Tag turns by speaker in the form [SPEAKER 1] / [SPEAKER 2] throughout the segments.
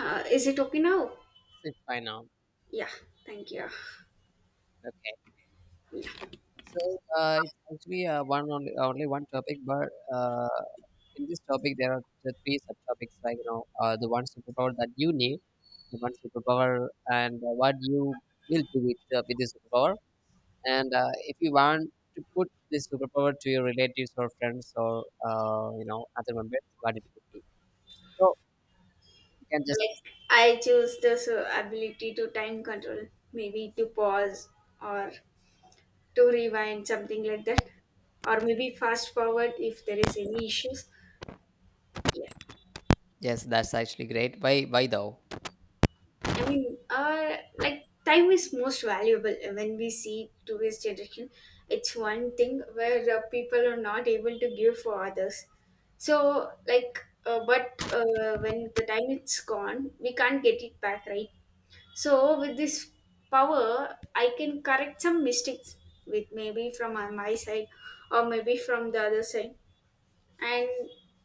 [SPEAKER 1] Is it okay now?
[SPEAKER 2] It's fine now.
[SPEAKER 1] Yeah, thank you.
[SPEAKER 2] Okay.
[SPEAKER 1] Yeah.
[SPEAKER 2] So it's actually one only one topic, but in this topic there are the three subtopics, like the one superpower that you need, the one superpower, and what you will do with with this superpower, and if you want to put this superpower to your relatives or friends or other members, what it would be. So you can just
[SPEAKER 1] Like I choose this ability to time control, maybe to pause or to rewind something like that, or maybe fast forward if there is any issues. Yeah.
[SPEAKER 2] yes, that's actually great. Why though?
[SPEAKER 1] I mean, like time is most valuable when we see today's generation. It's one thing where people are not able to give for others. So, like, but when the time is gone, we can't get it back, right? So, with this power, I can correct some mistakes with maybe from on my side or maybe from the other side, and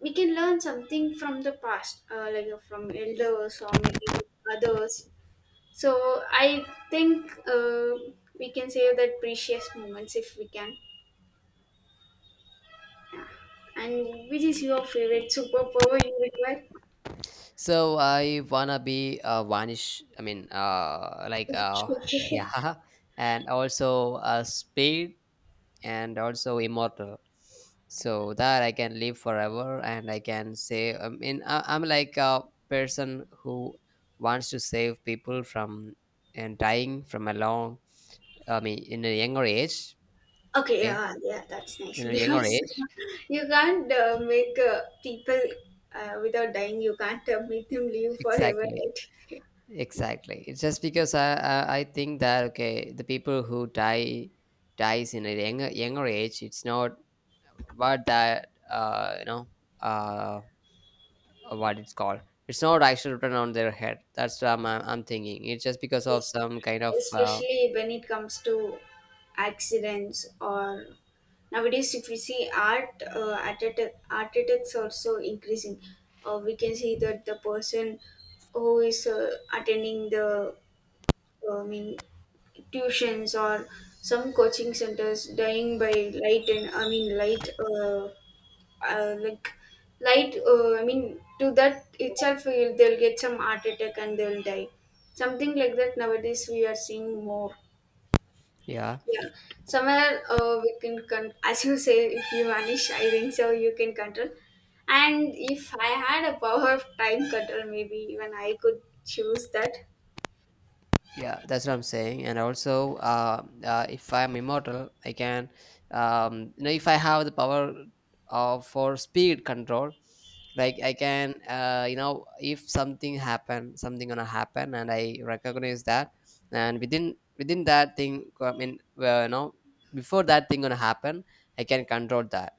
[SPEAKER 1] we can learn something from the past, from elders or maybe others so I think we can save that precious moments if we can. And which is your favorite superpower you require?
[SPEAKER 2] So I wanna be a vanish.
[SPEAKER 1] Okay.
[SPEAKER 2] Yeah, and also a speed and also immortal. So that I can live forever, and I can say. I mean, I'm like a person who wants to save people from and dying from a long. I mean, in a younger age.
[SPEAKER 1] Okay,
[SPEAKER 2] Okay,
[SPEAKER 1] yeah, yeah, that's nice.
[SPEAKER 2] in a younger
[SPEAKER 1] because
[SPEAKER 2] age,
[SPEAKER 1] you can't make people without dying. You can't make them live forever,
[SPEAKER 2] exactly.
[SPEAKER 1] right?
[SPEAKER 2] Exactly. It's just because I I think that okay, the people who die dies in a younger age. It's not what that uh what it's called. It's not actually written on their head. That's what I'm thinking. It's just because of
[SPEAKER 1] Yes,
[SPEAKER 2] some kind of
[SPEAKER 1] especially when it comes to accidents or nowadays, if we see art, art attacks also increasing. We can see that the person who is attending the, uh, I mean, tuitions or some coaching centers dying by light and I mean light. Like light, I mean to that itself they'll get some heart attack and they'll die something like that. Nowadays we are seeing more.
[SPEAKER 2] yeah.
[SPEAKER 1] Yeah. Somewhere as you say, if you vanish, I think so you can control, and if I had a power of time control, maybe even I could choose that.
[SPEAKER 2] Yeah, that's what I'm saying. And also, if I'm immortal, I can, if I have the power of for speed control, like I can, if something happen, something gonna happen, and I recognize that, and within that thing, before that thing gonna happen, I can control that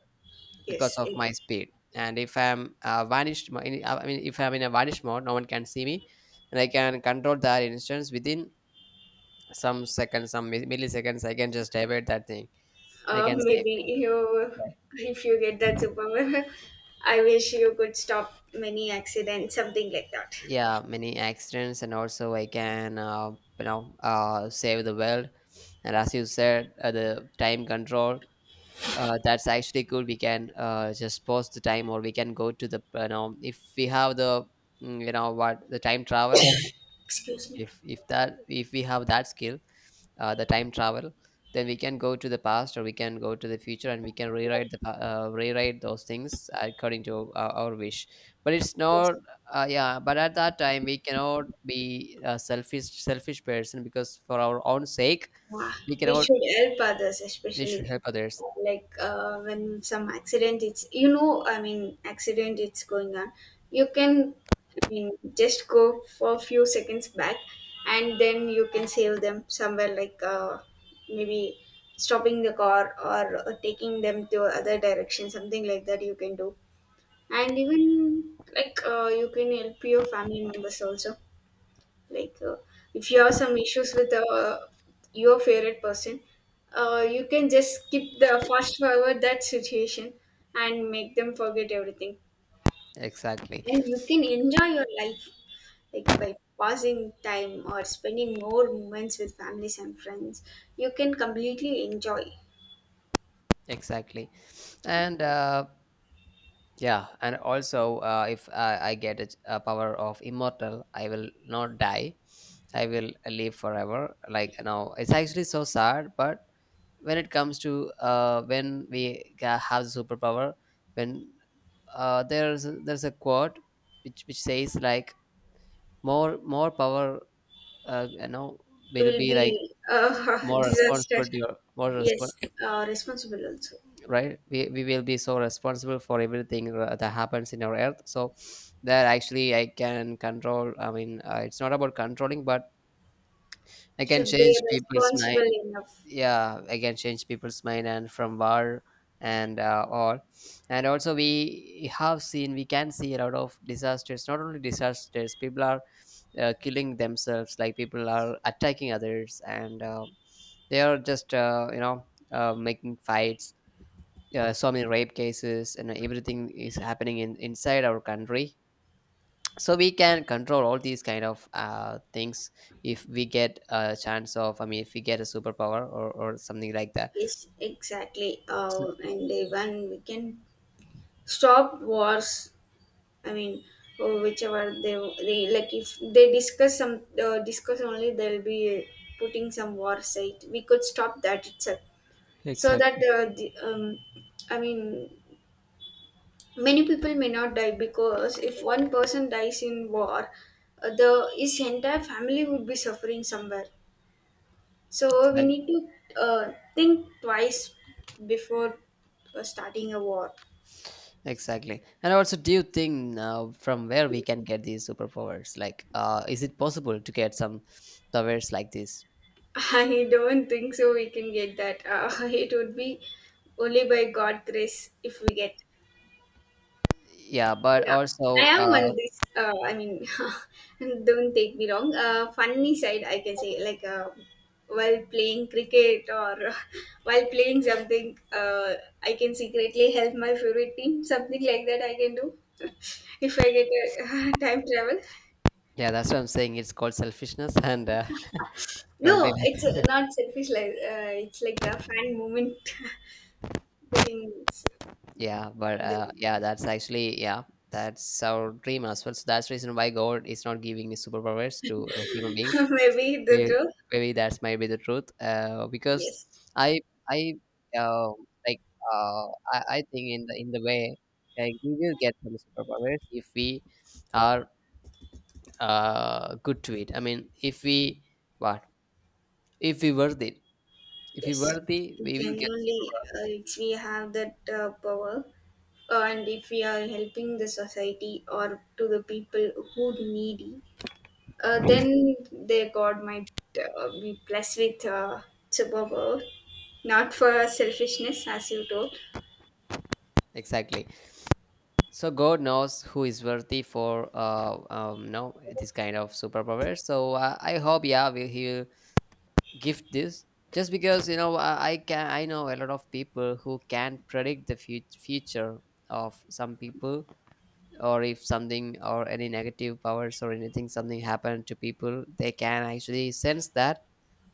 [SPEAKER 2] because
[SPEAKER 1] yes
[SPEAKER 2] of
[SPEAKER 1] it,
[SPEAKER 2] my speed. And if I'm I mean, if I'm in a vanished mode, no one can see me, and I can control that instance within some seconds, milliseconds, I can just divert that thing. I
[SPEAKER 1] uh,
[SPEAKER 2] can save,
[SPEAKER 1] maybe You,
[SPEAKER 2] like,
[SPEAKER 1] if you get that superpower, I wish you could stop many accidents, something like that.
[SPEAKER 2] yeah, many accidents, and also I can, save the world. And as you said, the time control. That's actually good. We can just pause the time, or we can go to the, if we have the, what the time travel.
[SPEAKER 1] Excuse me.
[SPEAKER 2] If we have that skill, the time travel, then we can go to the past or we can go to the future, and we can rewrite rewrite those things according to our wish, but it's
[SPEAKER 1] Yes.
[SPEAKER 2] not yeah, but at that time we cannot be a selfish person. Because for our own sake
[SPEAKER 1] Ah,
[SPEAKER 2] we
[SPEAKER 1] we
[SPEAKER 2] cannot,
[SPEAKER 1] should help others,
[SPEAKER 2] we should
[SPEAKER 1] especially
[SPEAKER 2] help others,
[SPEAKER 1] when some accident, It's you know, I mean, accident, it's going on. You can, just go for a few seconds back, and then you can save them somewhere like maybe stopping the car or taking them to other direction, something like that. You can do, and even like, you can help your family members also, like, if you have some issues with your favorite person, you can just skip the fast forward that situation and make them forget everything,
[SPEAKER 2] exactly,
[SPEAKER 1] and you can enjoy your life like by passing time or spending more moments with families and friends. You can completely enjoy it.
[SPEAKER 2] exactly, and yeah, and also if I get a power of immortal, I will not die. I will live forever. Like no, it's actually so sad. But when it comes to when we have superpower, when there's a quote which says like more power, uh, you know, will
[SPEAKER 1] Will
[SPEAKER 2] be like
[SPEAKER 1] be a
[SPEAKER 2] more
[SPEAKER 1] disaster.
[SPEAKER 2] responsible to your more,
[SPEAKER 1] Yes, responsible also.
[SPEAKER 2] right. We will be so responsible for everything that happens in our earth. So that actually I can control, I mean, it's not about controlling, but I can
[SPEAKER 1] Should be
[SPEAKER 2] change people's
[SPEAKER 1] responsible
[SPEAKER 2] mind.
[SPEAKER 1] enough.
[SPEAKER 2] Yeah, I can change people's mind and from war, and all. And also we have seen, we can see a lot of disasters. Not only disasters, people are killing themselves, like people are attacking others, and they are just making fights, so many rape cases and everything is happening in inside our country. So we can control all these kind of things if we get a chance of, I mean, if we get a superpower or something like that.
[SPEAKER 1] Yes, exactly.
[SPEAKER 2] So
[SPEAKER 1] And even we can stop wars. I mean, or whichever they like, if they discuss some discuss only, they'll be putting some war site. We could stop that itself, so that
[SPEAKER 2] exactly,
[SPEAKER 1] I mean, many people may not die, because if one person dies in war, the his entire family would be suffering somewhere. So we
[SPEAKER 2] exactly,
[SPEAKER 1] need to think twice before starting a war.
[SPEAKER 2] exactly. And also do you think from where we can get these superpowers, like is it possible to get some powers like this?
[SPEAKER 1] I don't think so we can get that. It would be only by God grace if we get.
[SPEAKER 2] Yeah, but
[SPEAKER 1] Yeah,
[SPEAKER 2] also
[SPEAKER 1] I am on this. Don't take me wrong. Funny side, I can say, like, while playing cricket or while playing something, I can secretly help my favorite team. Something like that, I can do if I get a time travel.
[SPEAKER 2] yeah, that's what I'm saying, it's called selfishness, and don't be.
[SPEAKER 1] No, it's not selfish. Like, it's like a fan moment, getting s-
[SPEAKER 2] Yeah, but
[SPEAKER 1] the
[SPEAKER 2] yeah, that's actually yeah, that's our dream as well. So that's the reason why God is not giving the superpowers to human beings.
[SPEAKER 1] maybe the
[SPEAKER 2] They,
[SPEAKER 1] truth.
[SPEAKER 2] maybe that's might be the truth. Because
[SPEAKER 1] Yes,
[SPEAKER 2] I I uh, like uh, I think in the way, like we will get some superpowers if we are good to it. I mean, if we what, if we worth it, if we
[SPEAKER 1] yes.
[SPEAKER 2] worthy, we will get
[SPEAKER 1] Genuinely, if we have that power, and if we are helping the society or to the people who needy, then their God might be blessed with superpower. Not for selfishness, as you told.
[SPEAKER 2] exactly. So God knows who is worthy for no this kind of superpower. So I hope, yeah, he'll gift this. Just because you know, I know a lot of people who can predict the future of some people, or if something or any negative powers or anything, something happened to people, they can actually sense that,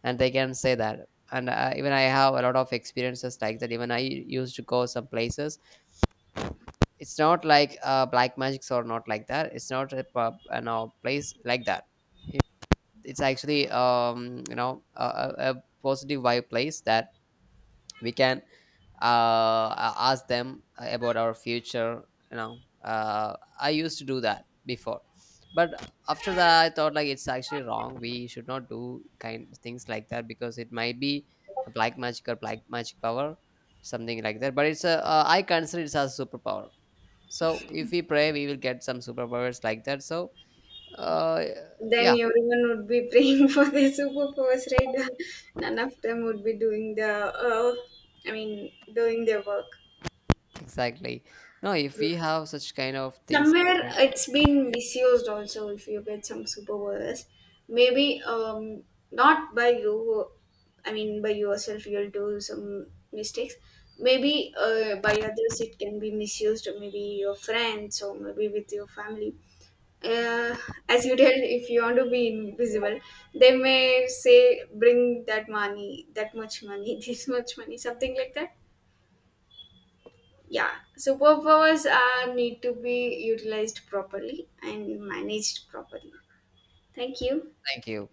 [SPEAKER 2] and they can say that. And even I have a lot of experiences like that. Even I used to go some places. It's not like black magics or not like that. It's not a pub, no, place like that. It- It's actually a, a positive vibe place that we can ask them about our future. You know, I used to do that before, but after that I thought like it's actually wrong. We should not do kind things like that because it might be a black magic or black magic power, something like that. But it's a, I consider it as a superpower. So if we pray we will get some superpowers like that. So uh
[SPEAKER 1] Then
[SPEAKER 2] yeah,
[SPEAKER 1] everyone would be praying for their superpowers, right? None of them would be doing the, doing their work.
[SPEAKER 2] exactly. No, if we
[SPEAKER 1] Yes.
[SPEAKER 2] have such kind of things,
[SPEAKER 1] Somewhere
[SPEAKER 2] thank
[SPEAKER 1] it's been misused also. If you get some superpowers, maybe, um, not by you, I mean by yourself you'll do some mistakes. Maybe by others it can be misused, or maybe your friends or maybe with your family. uh, as you tell, if you want to be invisible, they may say bring that money, that much money, this much money, something like that. Yeah, superpowers are need to be utilized properly and managed properly. Thank you.
[SPEAKER 2] you.